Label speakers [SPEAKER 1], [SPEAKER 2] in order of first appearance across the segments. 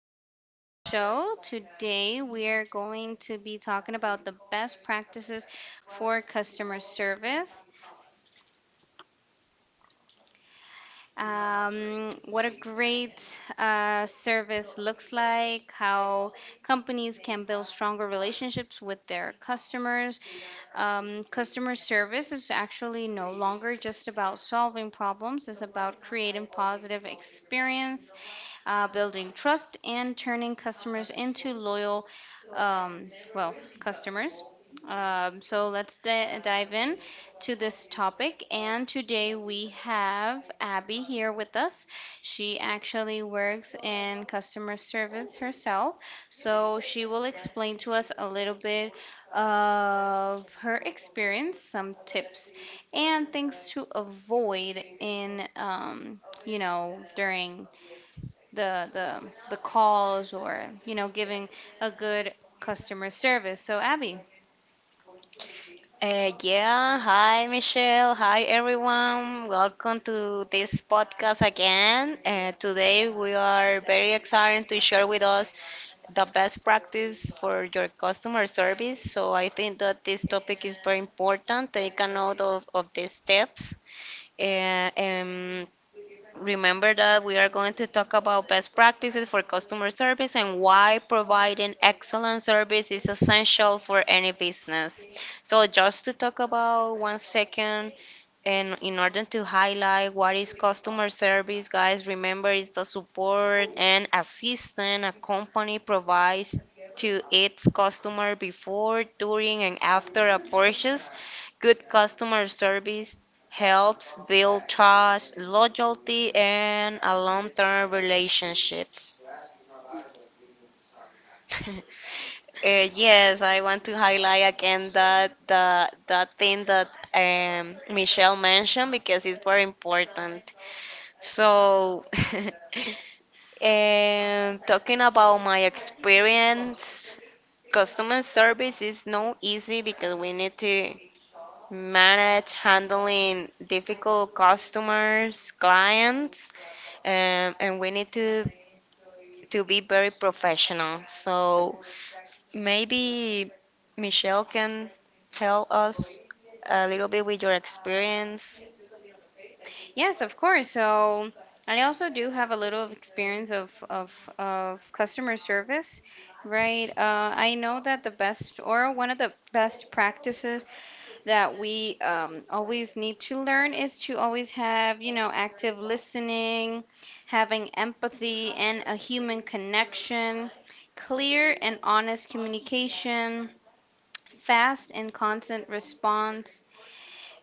[SPEAKER 1] Welcome to the show. Today we are going to be talking about the best practices for customer service. What a great service looks like, how companies can build stronger relationships with their customers. Customer service is actually no longer just about solving problems, it's about creating positive experience, building trust, and turning customers into loyal, well, customers. So let's dive in to this topic. And today we have Abby here with us. She actually works in customer service herself. So she will explain to us a little bit of her experience, some tips, and things to avoid during the the the calls or giving a good customer service. So Abby,
[SPEAKER 2] Yeah, hi Michelle, hi everyone. Welcome to this podcast again. Today we are very excited to share with us the best practice for your customer service. So I think that this topic is very important. Take a note of the steps. Uh, um, Remember that we are going to talk about best practices for customer service and why providing excellent service is essential for any business. So, just to talk about one second, and in order to highlight what is customer service, guys, remember it's the support and assistance a company provides to its customer before, during, and after a purchase. Good customer service helps build trust, loyalty, and a long-term relationships. Yes, I want to highlight again that thing that Michelle mentioned because it's very important. So, talking about my experience, customer service is no easy because we need to manage handling difficult customers, clients, and we need to be very professional. So maybe Michelle can tell us a little bit with your experience.
[SPEAKER 1] yes, of course. So I also do have a little of experience of customer service, right? I know that the best or one of the best practices that we always need to learn is to always have active listening, having empathy and a human connection, clear and honest communication, fast and constant response,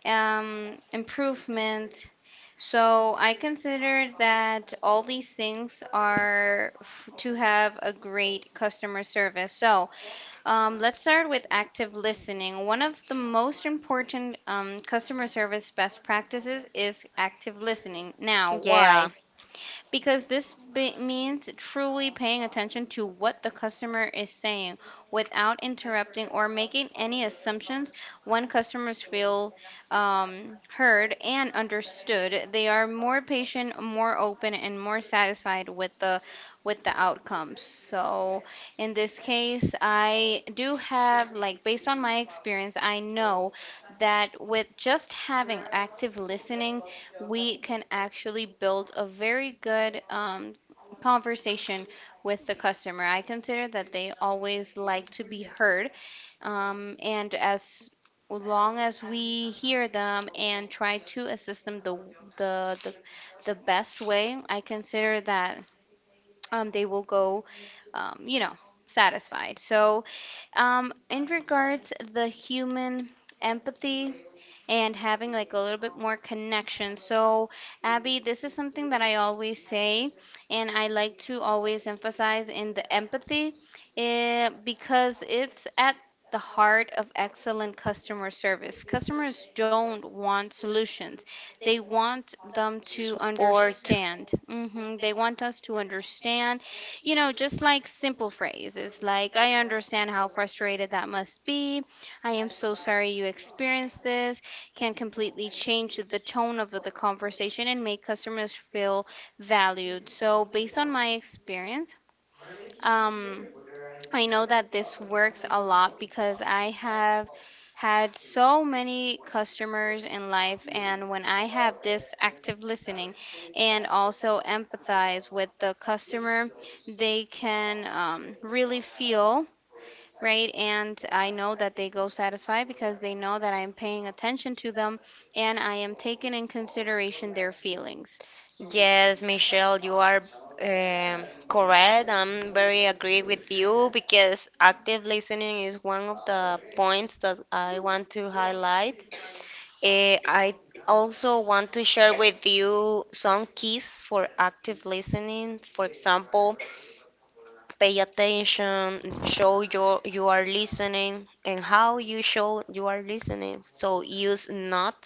[SPEAKER 1] improvement. So I consider that all these things are to have a great customer service. So let's start with active listening. One of the most important customer service best practices is active listening. Now why?
[SPEAKER 2] Yeah.
[SPEAKER 1] Because this means truly paying attention to what the customer is saying without interrupting or making any assumptions. When customers feel heard and understood, they are more patient, more open, and more satisfied with the outcomes. So in this case, I do have, like, based on my experience, I know that with just having active listening we can actually build a very good conversation with the customer. I consider that they always like to be heard, and as long as we hear them and try to assist them the the, the best way, I consider that they will go, um, you know, satisfied. So, in regards the human empathy and having like a little bit more connection. So, Abby, this is something that I always say, and I like to always emphasize in the empathy, because it's at the heart of excellent customer service. Customers don't want solutions. They want them to
[SPEAKER 2] Support.
[SPEAKER 1] understand. They want us to understand, you know, just like simple phrases like, "I understand how frustrated that must be. I am so sorry you experienced this," can completely change the tone of the conversation and make customers feel valued. So, based on my experience, um, I know that this works a lot because I have had so many customers in life, and when I have this active listening and also empathize with the customer, they can really feel, right? And I know that they go satisfied because they know that I'm paying attention to them and I am taking in consideration their feelings.
[SPEAKER 2] Yes, Michelle, you are um, correct. I'm very agree with you because active listening is one of the points that I want to highlight. I also want to share with you some keys for active listening. For example, pay attention, show you are listening, and how you show you are listening. So use not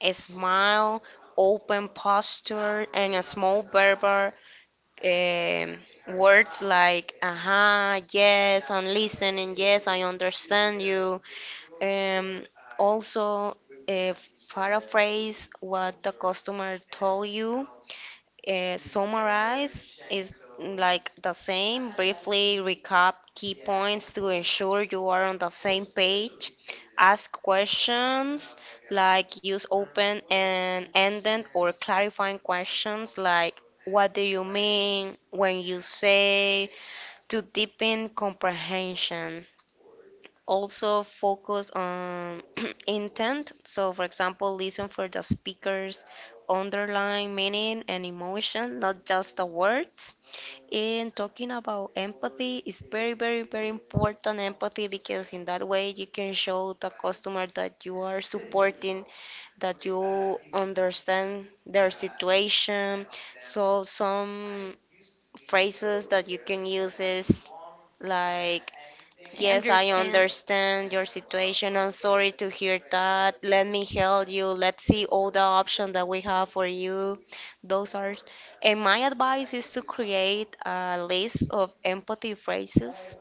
[SPEAKER 2] a smile, open posture, and a small verbal um, words like "aha," "yes," "I'm listening," "yes," "I understand you." Um, Also, uh, paraphrase what the customer told you, summarize is like the same. Briefly recap key points to ensure you are on the same page. Ask questions like use open and ended or clarifying questions like what do you mean when you say to deepen comprehension, also focus on intent. So, for example, listen for the speaker's underlying meaning and emotion, not just the words. And talking about empathy is very, very, very important empathy because in that way you can show the customer that you are supporting, that you understand their situation. So, some phrases that you can use is like,
[SPEAKER 1] I
[SPEAKER 2] yes, I
[SPEAKER 1] understand.
[SPEAKER 2] understand your situation. I'm sorry to hear that. Let me help you. Let's see all the options that we have for you. Those are, and my advice is to create a list of empathy phrases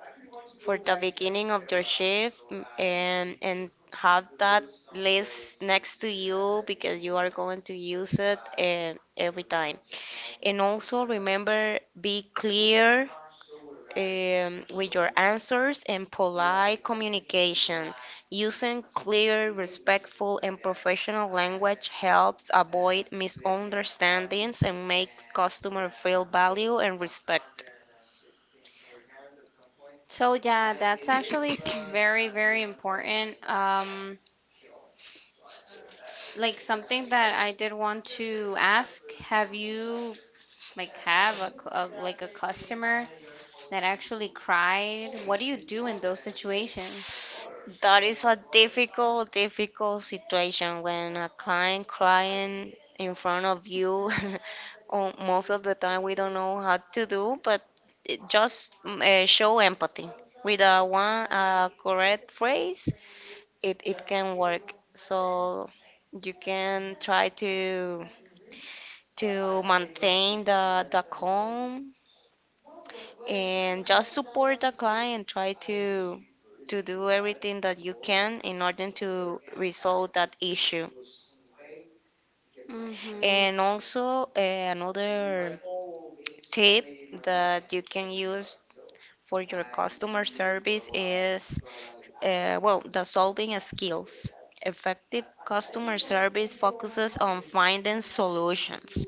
[SPEAKER 2] for the beginning of your shift and have that list next to you because you are going to use it, every time. And also remember, be clear with your answers and polite communication. Using clear, respectful, and professional language helps avoid misunderstandings and makes customer feel valued and respected.
[SPEAKER 1] So yeah, that's actually very, very important. Like something that I did want to ask, have you like have a, a, like a customer that actually cried? What do you do in those situations?
[SPEAKER 2] That is a difficult, difficult situation when a client crying in front of you. Oh, most of the time, we don't know how to do, but it just show empathy with a one correct phrase. It can work. So you can try to maintain the calm and just support the client. Try to do everything that you can in order to resolve that issue.
[SPEAKER 1] Mm-hmm.
[SPEAKER 2] And also, another tip that you can use for your customer service is, well, the solving skills. Effective customer service focuses on finding solutions.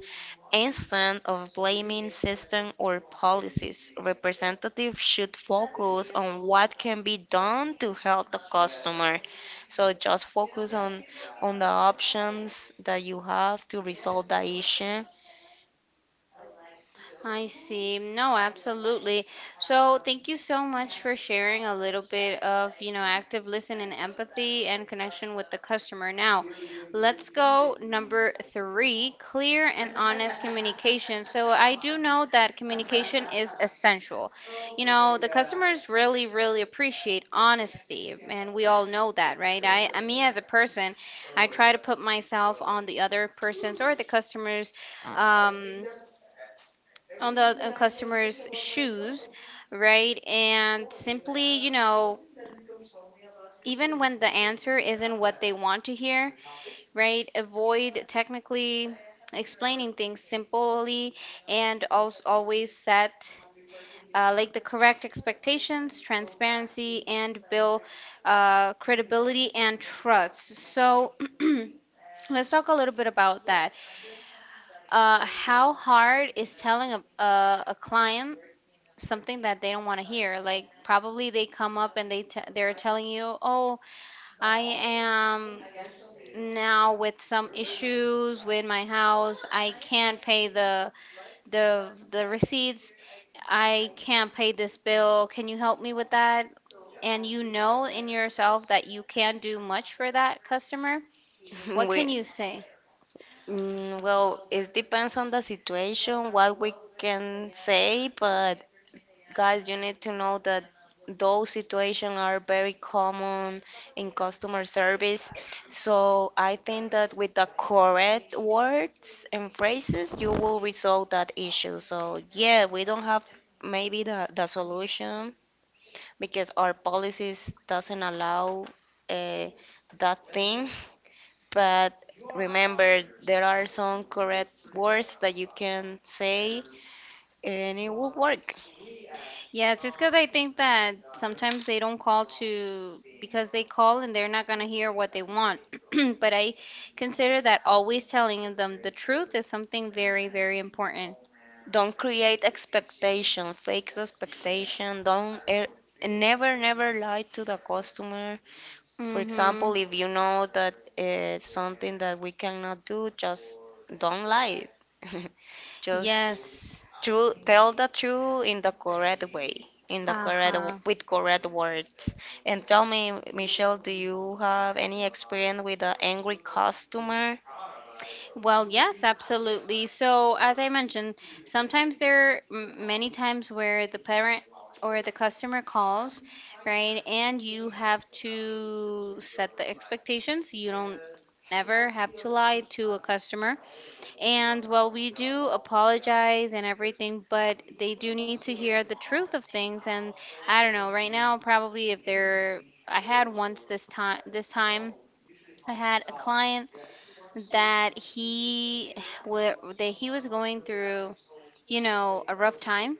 [SPEAKER 2] Instead of blaming systems or policies, representatives should focus on what can be done to help the customer. So just focus on the options that you have to resolve the issue.
[SPEAKER 1] I see. No, absolutely. So, thank you so much for sharing a little bit of, you know, active listening, empathy, and connection with the customer. Now, let's go number three, clear and honest communication. So, I do know that communication is essential. You know, the customers really, really appreciate honesty, and we all know that, right? I Me as a person, I try to put myself on the other person's or the customer's Mm. um on the on customer's shoes, right? And simply, you know, even when the answer isn't what they want to hear, right? Avoid technically explaining things simply, and also always set like the correct expectations, transparency, and build credibility and trust. So let's talk a little bit about that. How hard is telling a client something that they don't want to hear. Like probably they come up and they they're telling you, "Oh, I am now with some issues with my house. I can't pay the receipts. I can't pay this bill. Can you help me with that?" And you know in yourself that you can't do much for that customer. What
[SPEAKER 2] we,
[SPEAKER 1] can you say?
[SPEAKER 2] Well, it depends on the situation, what we can say, but guys, you need to know that those situations are very common in customer service. So I think that with the correct words and phrases, you will resolve that issue. So yeah, we don't have maybe the solution because our policies doesn't allow uh, that thing. But remember, there are some correct words that you can say and it will work.
[SPEAKER 1] Yes, it's because I think that sometimes they don't call to because they call and they're not going to hear what they want. But I consider that always telling them the truth is something very, very important.
[SPEAKER 2] Don't create expectation, fake expectation. Don't Never, never lie to the customer. For
[SPEAKER 1] Mm-hmm.
[SPEAKER 2] example, if you know that, something that we cannot do, just don't lie.
[SPEAKER 1] Yes.
[SPEAKER 2] Tell the truth in the correct way, in the correct,
[SPEAKER 1] Uh-huh.
[SPEAKER 2] with correct words. And tell me, Michelle, do you have any experience with an angry customer?
[SPEAKER 1] Well, yes, absolutely. So, as I mentioned, sometimes there are many times where the parent or the customer calls, right? And you have to set the expectations. You don't ever have to lie to a customer. And well, we do apologize and everything, but they do need to hear the truth of things. And I don't know, right now, probably if they're, I had once this time, I had a client that he that he was going through, you know, a rough time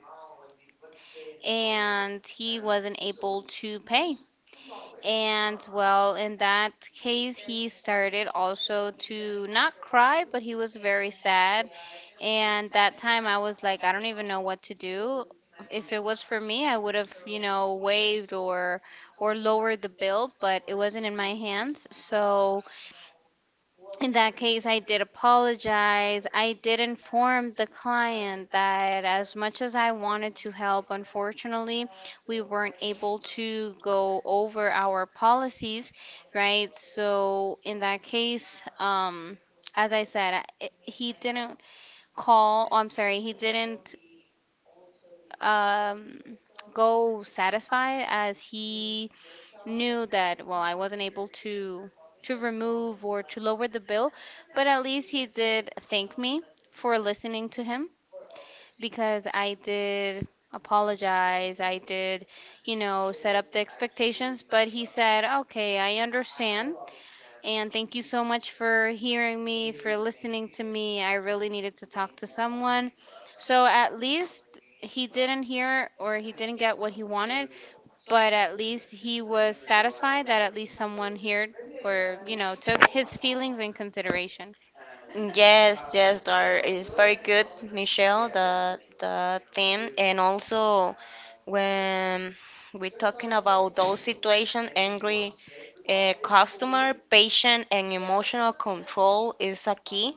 [SPEAKER 1] and he wasn't able to pay. And well, in that case, he started also to not cry, but he was very sad. And that time I was like, I don't even know what to do. If it was for me, I would have, you know, waived or lowered the bill, but it wasn't in my hands. So in that case, I did apologize. I did inform the client that as much as I wanted to help, unfortunately, we weren't able to go over our policies, right? So, in that case, as I said, he didn't call, oh, I'm sorry, he didn't um, go satisfied as he knew that, well, I wasn't able to remove or to lower the bill, but at least he did thank me for listening to him because I did apologize. I did, you know, set up the expectations, but he said, "Okay, I understand and thank you so much for hearing me, for listening to me. I really needed to talk to someone." So at least he didn't hear or he didn't get what he wanted but at least he was satisfied that at least someone heard or, you know, took his feelings in consideration.
[SPEAKER 2] Yes, yes, there is very good, Michelle, the theme, and also when we're talking about those situation, angry customer, patient, and emotional control is a key.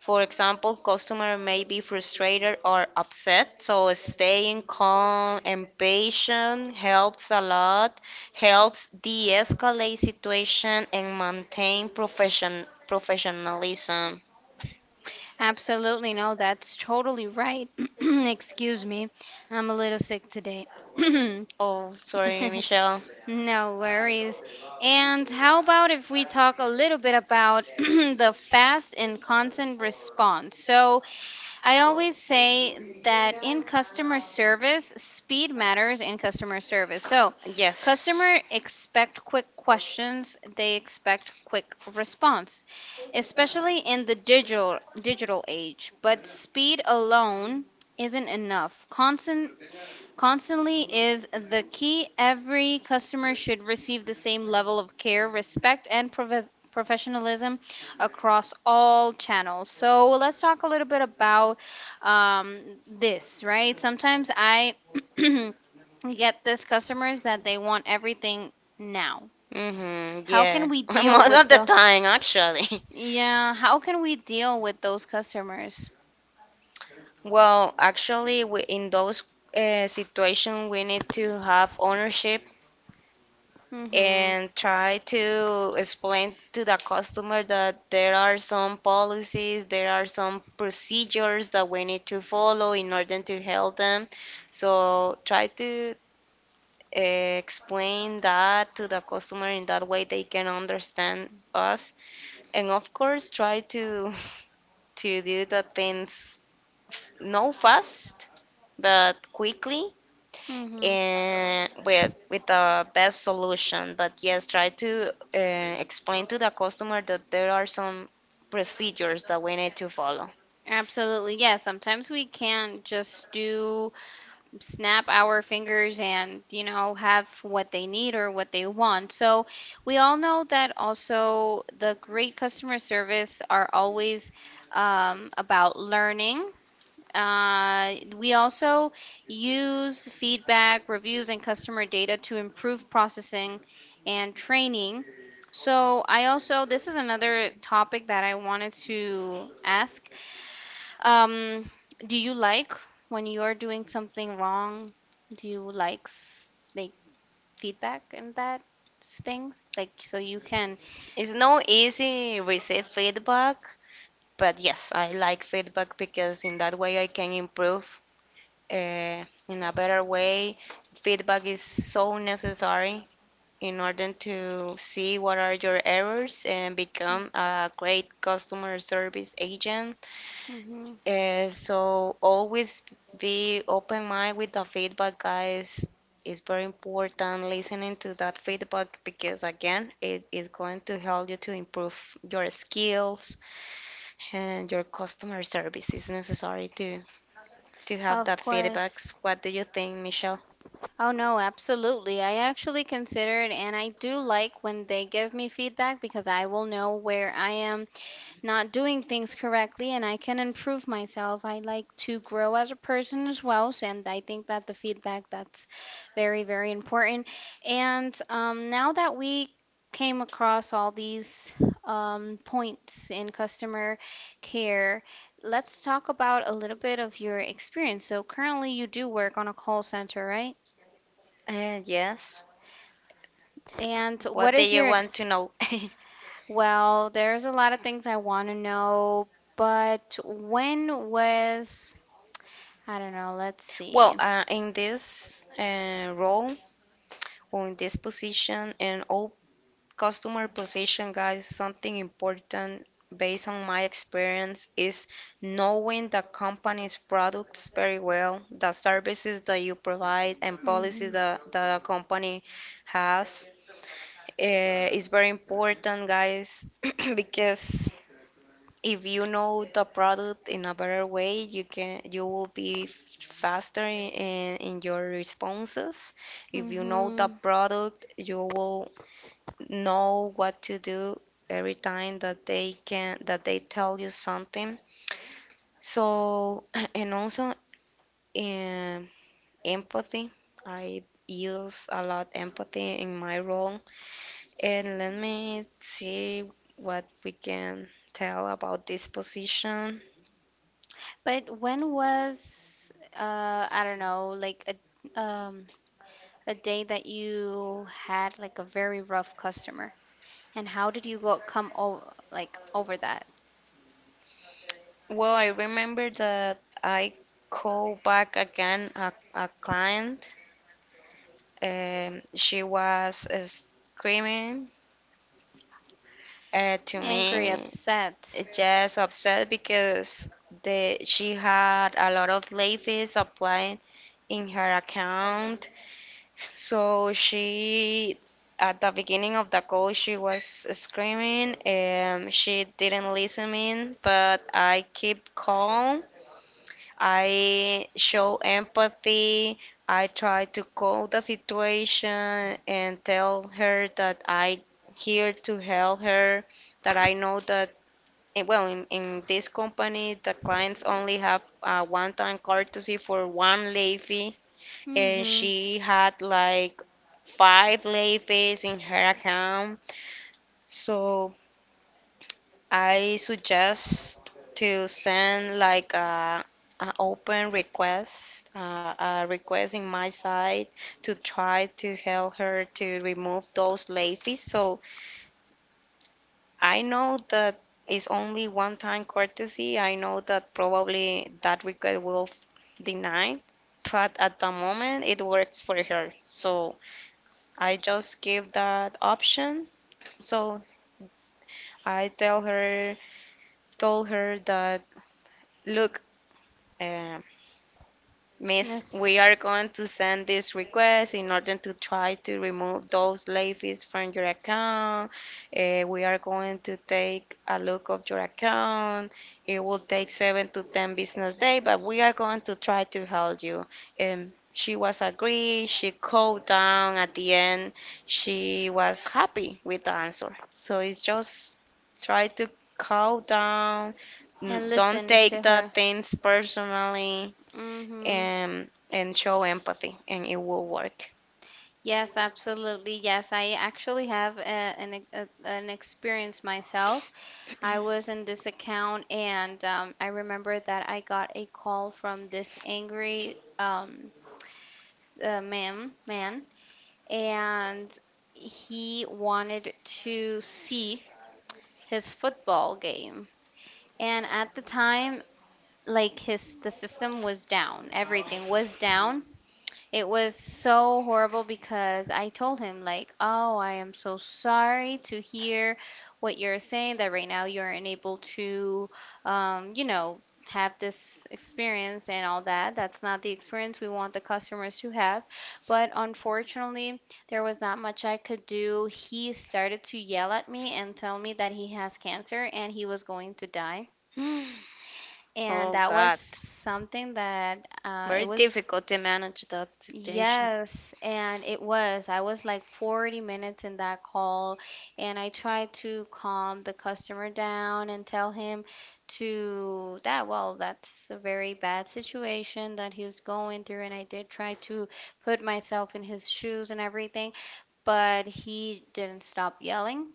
[SPEAKER 2] For example, customer may be frustrated or upset, so staying calm and patient helps a lot, helps de-escalate situations and maintain profession professionalism.
[SPEAKER 1] Absolutely, no, that's totally right. Excuse me, I'm a little sick today.
[SPEAKER 2] Oh, sorry, Michelle.
[SPEAKER 1] No worries. And how about if we talk a little bit about the fast and constant response? So, I always say that in customer service, speed matters in customer service. So,
[SPEAKER 2] Yes.
[SPEAKER 1] customer expect quick questions, they expect quick response, especially in the digital age. But speed alone isn't enough. Constantly is the key. Every customer should receive the same level of care, respect, and professionalism across all channels. So let's talk a little bit about um, this, right? Sometimes I get this customers that they want everything now.
[SPEAKER 2] Mm-hmm,
[SPEAKER 1] How
[SPEAKER 2] yeah.
[SPEAKER 1] can we deal
[SPEAKER 2] Most
[SPEAKER 1] with
[SPEAKER 2] of the
[SPEAKER 1] the
[SPEAKER 2] time, actually.
[SPEAKER 1] yeah? How can we deal with those customers?
[SPEAKER 2] Well, actually, in those situations, we need to have ownership
[SPEAKER 1] Mm-hmm.
[SPEAKER 2] and try to explain to the customer that there are some policies, there are some procedures that we need to follow in order to help them. So try to, explain that to the customer in that way they can understand us. And of course, try to to do the things not fast but quickly
[SPEAKER 1] Mm-hmm.
[SPEAKER 2] and with the best solution. But yes, try to, explain to the customer that there are some procedures that we need to follow.
[SPEAKER 1] Absolutely. Yeah, sometimes we can't just do snap our fingers and, you know, have what they need or what they want. So we all know that also the great customer service are always about learning. We also use feedback, reviews, and customer data to improve processing and training. So, I also, this is another topic that I wanted to ask. Um, do you like when you're doing something wrong? Do you like like feedback and that things? Like, so you can.
[SPEAKER 2] It's not easy receive feedback, but yes, I like feedback because in that way I can improve, uh, in a better way. Feedback is so necessary in order to see what are your errors and become a great customer service agent.
[SPEAKER 1] Mhm.
[SPEAKER 2] So always be open mind with the feedback, guys. It's very important listening to that feedback because again, it is going to help you to improve your skills and your customer service. It's necessary to have
[SPEAKER 1] Of
[SPEAKER 2] that feedbacks.
[SPEAKER 1] course.
[SPEAKER 2] What do you think, Michelle?
[SPEAKER 1] Oh no, absolutely. I actually consider it and I do like when they give me feedback because I will know where I am not doing things correctly and I can improve myself. I like to grow as a person as well. So, and I think that the feedback that's very, very important. And now that we came across all these points in customer care, let's talk about a little bit of your experience. So currently you do work on a call center, right?
[SPEAKER 2] Yes.
[SPEAKER 1] And what
[SPEAKER 2] What do
[SPEAKER 1] is
[SPEAKER 2] you
[SPEAKER 1] your
[SPEAKER 2] want to know?
[SPEAKER 1] well, there's a lot of things I want to know, but when was I don't know. Let's
[SPEAKER 2] Well,
[SPEAKER 1] see.
[SPEAKER 2] in this role or in this position, and all customer position, guys, something important based on my experience is knowing the company's products very well, the services that you provide, and
[SPEAKER 1] hmm
[SPEAKER 2] policies that the company has. It's very important, guys, because if you know the product in a better way, you will be faster in your responses. If you know the
[SPEAKER 1] Mm-hmm.
[SPEAKER 2] product, you will know what to do every time that they tell you something, so and also um, empathy, I use a lot empathy in my role, and let me see what we can tell about this position.
[SPEAKER 1] But when was I don't know, like a day that you had like a very rough customer and how did you go come over like over that?
[SPEAKER 2] Well, I remember that I called back again a client. She was screaming to
[SPEAKER 1] Angry,
[SPEAKER 2] me.
[SPEAKER 1] upset.
[SPEAKER 2] Just upset because the she had a lot of late fees applied in her account. So she, at the beginning of the call, she was screaming. She didn't listen in, but I keep calm. I show empathy. I try to call the situation and tell her that I here to help her, that I know that, well, in this company, the clients only have one-time courtesy for one lay fee, and
[SPEAKER 1] Mm-hmm.
[SPEAKER 2] she had like five lay fees in her account. So I suggest to send like an open request, a request in my side to try to help her to remove those lay fees. So I know that it's only one time courtesy. I know that probably that request will deny, but at the moment it works for her. So I just give that option. So I tell her, told her that look, uh, Miss,
[SPEAKER 1] Yes.
[SPEAKER 2] we are going to send this request in order to try to remove those late fees from your account. We are going to take a look of your account. It will take seven to ten business days, but we are going to try to help you. And she was agreed. She called down at the end. She was happy with the answer. So it's just try to calm down.
[SPEAKER 1] And
[SPEAKER 2] Don't
[SPEAKER 1] listen to
[SPEAKER 2] take the
[SPEAKER 1] her.
[SPEAKER 2] things personally,
[SPEAKER 1] Mm-hmm.
[SPEAKER 2] and show empathy, and it will work.
[SPEAKER 1] Yes, absolutely. Yes, I actually have a, an a, an experience myself. I was in this account, and I remember that I got a call from this angry man, and he wanted to see his football game. And at the time, like his the system was down, everything was down. It was so horrible because I told him like, "Oh, I am so sorry to hear what you're saying, that right now you're unable to um, you know, have this experience and all that. That's not the experience we want the customers to have." But unfortunately, there was not much I could do. He started to yell at me and tell me that he has cancer and he was going to die. And
[SPEAKER 2] Oh
[SPEAKER 1] that was
[SPEAKER 2] God,
[SPEAKER 1] something that it
[SPEAKER 2] very
[SPEAKER 1] was.
[SPEAKER 2] difficult to manage that situation.
[SPEAKER 1] Yes, and it was. I was like 40 minutes in that call, and I tried to calm the customer down and tell him to that, well, that's a very bad situation that he's going through, and I did try to put myself in his shoes and everything, but he didn't stop yelling.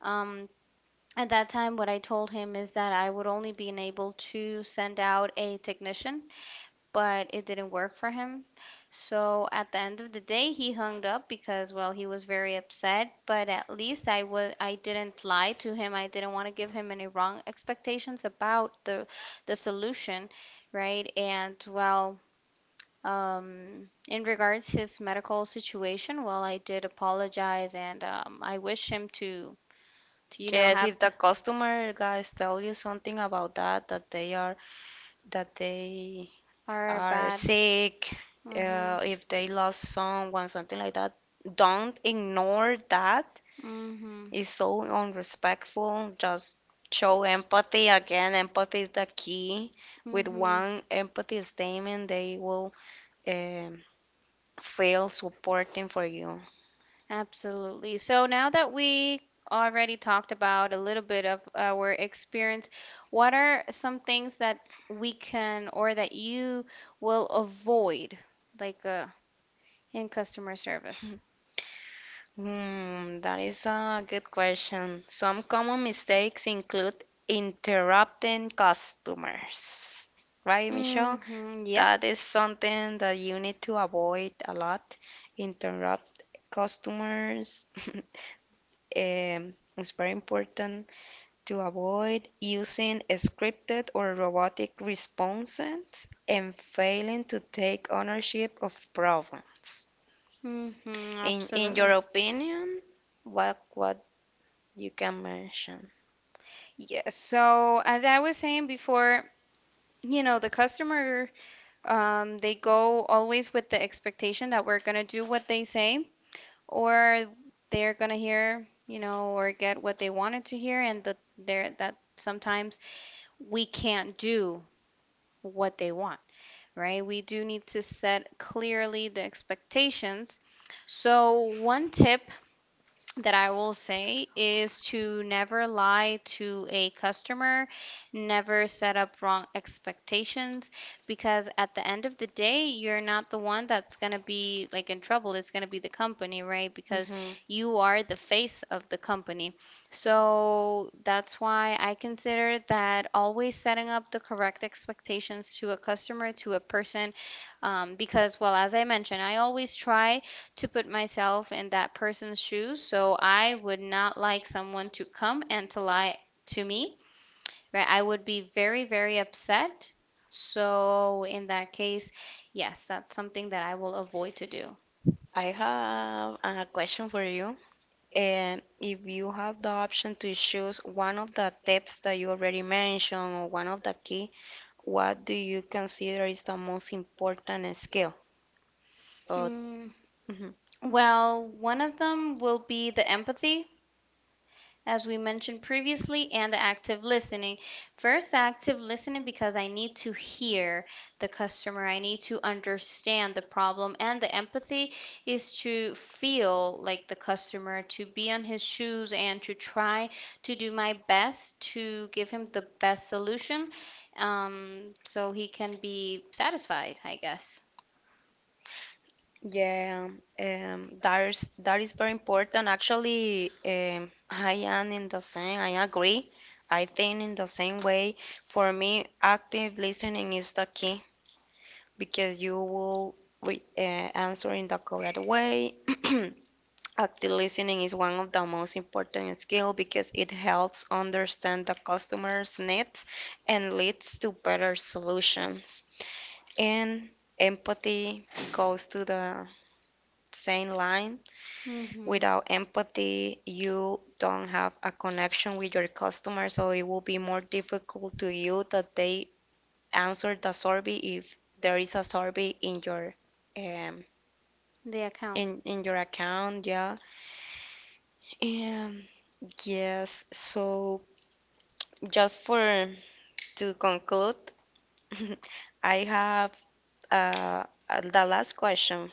[SPEAKER 1] Um, at that time, what I told him is that I would only be able to send out a technician, but it didn't work for him. So at the end of the day, he hung up because, well, he was very upset. But at least I didn't lie to him. I didn't want to give him any wrong expectations about the solution, right? And well, in regards his medical situation, well, I did apologize and I wish him to to
[SPEAKER 2] Yes,
[SPEAKER 1] have
[SPEAKER 2] if the customer guys tell you something about that, that they
[SPEAKER 1] our
[SPEAKER 2] are
[SPEAKER 1] bad.
[SPEAKER 2] sick,
[SPEAKER 1] Mhm.
[SPEAKER 2] if they lost someone, something like that, don't ignore that,
[SPEAKER 1] Mhm.
[SPEAKER 2] is so unrespectful. Just show empathy. Again, empathy is the key. With
[SPEAKER 1] Mhm.
[SPEAKER 2] one empathy statement, they will, um, feel supporting for you.
[SPEAKER 1] Absolutely. So now that we already talked about a little bit of our experience, what are some things that we can or that you will avoid, like in customer service?
[SPEAKER 2] Hmm, that is a good question. Some common mistakes include interrupting customers. Right, Michelle?
[SPEAKER 1] Mm-hmm. Yep.
[SPEAKER 2] That is something that you need to avoid a lot. Interrupt customers. It's very important to avoid using scripted or robotic responses and failing to take ownership of problems.
[SPEAKER 1] Mm-hmm.
[SPEAKER 2] In your
[SPEAKER 1] Absolutely.
[SPEAKER 2] opinion, what you can mention?
[SPEAKER 1] Yes. So as I was saying before, you know, the customer, they go always with the expectation that we're gonna do what they say, or they're gonna hear, you know, or get what they wanted to hear, and that there that sometimes we can't do what they want, right? We do need to set clearly the expectations. So one tip that I will say is to never lie to a customer, never set up wrong expectations, because at the end of the day, you're not the one that's going to be like in trouble. It's going to be the company, right? Because
[SPEAKER 2] Mhm.
[SPEAKER 1] you are the face of the company. So that's why I consider that always setting up the correct expectations to a customer, to a person, because, well, as I mentioned, I always try to put myself in that person's shoes. So I would not like someone to come and to lie to me, right? I would be very, very upset. So in that case, yes, that's something that I will avoid to do.
[SPEAKER 2] I have a question for you. And if you have the option to choose one of the tips that you already mentioned or one of the key, what do you consider is the most important skill? Or,
[SPEAKER 1] Mm,
[SPEAKER 2] Mhm.
[SPEAKER 1] well, one of them will be the empathy, as we mentioned previously, and the active listening. First, the active listening, because I need to hear the customer, I need to understand the problem, and the empathy is to feel like the customer, to be on his shoes, and to try to do my best to give him the best solution, so he can be satisfied, I guess.
[SPEAKER 2] Yeah, that is very important. Actually, I am in the same. I agree. I think in the same way. For me, active listening is the key because you will re answer in the correct way. Active listening is one of the most important skill because it helps understand the customer's needs and leads to better solutions. And empathy goes to the same line,
[SPEAKER 1] Hmm.
[SPEAKER 2] without empathy, you don't have a connection with your customer, so it will be more difficult to you that they answer the survey if there is a survey in your, um
[SPEAKER 1] The account.
[SPEAKER 2] in your account, yeah. And yes, so just for to conclude, I have uh the last question.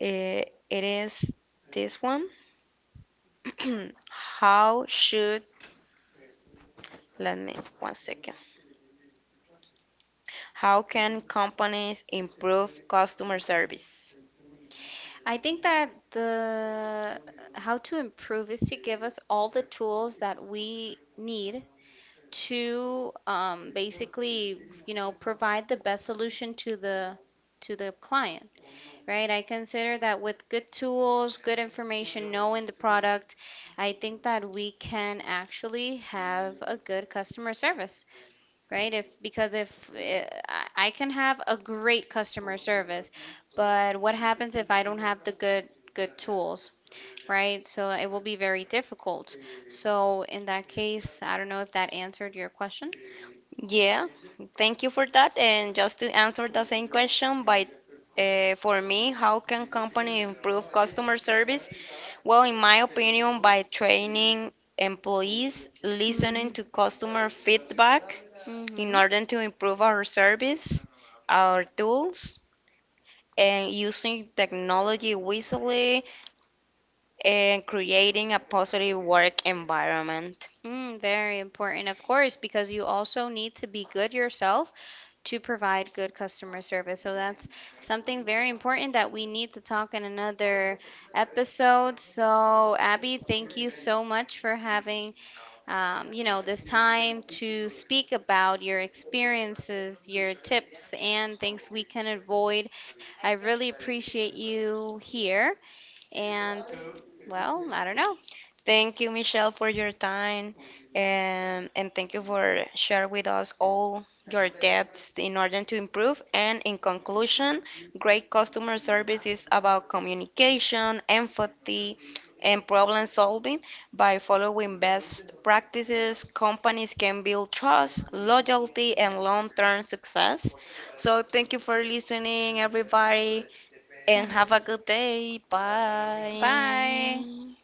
[SPEAKER 2] It is this one. How should let me one second. How can companies improve customer service?
[SPEAKER 1] I think that the how to improve is to give us all the tools that we need to basically, you know, provide the best solution to the client, right? I consider that with good tools, good information, knowing the product, I think that we can actually have a good customer service, right? If, because if uh, I can have a great customer service, but what happens if I don't have the good tools, right? So it will be very difficult. So in that case, I don't know if that answered your question.
[SPEAKER 2] Yeah, thank you for that. And just to answer the same question, by for me, how can company improve customer service? Well, in my opinion, by training employees,
[SPEAKER 1] Mm-hmm.
[SPEAKER 2] listening to customer feedback in
[SPEAKER 1] Mm-hmm.
[SPEAKER 2] order to improve our service, our tools, and using technology wisely and creating a positive work environment.
[SPEAKER 1] Mm, very important, of course, because you also need to be good yourself to provide good customer service. So that's something very important that we need to talk in another episode. So Abby, thank you so much for having you know, this time to speak about your experiences, your tips, and things we can avoid. I really appreciate you here, and well, I don't know.
[SPEAKER 2] Thank you, Michelle, for your time, and thank you for sharing with us all your depths in order to improve. And in conclusion, great customer service is about communication, empathy, and problem solving. By following best practices, companies can build trust, loyalty, and long-term success. So thank you for listening, everybody,
[SPEAKER 1] Yeah.
[SPEAKER 2] and have a good day.
[SPEAKER 1] Bye.
[SPEAKER 2] Bye.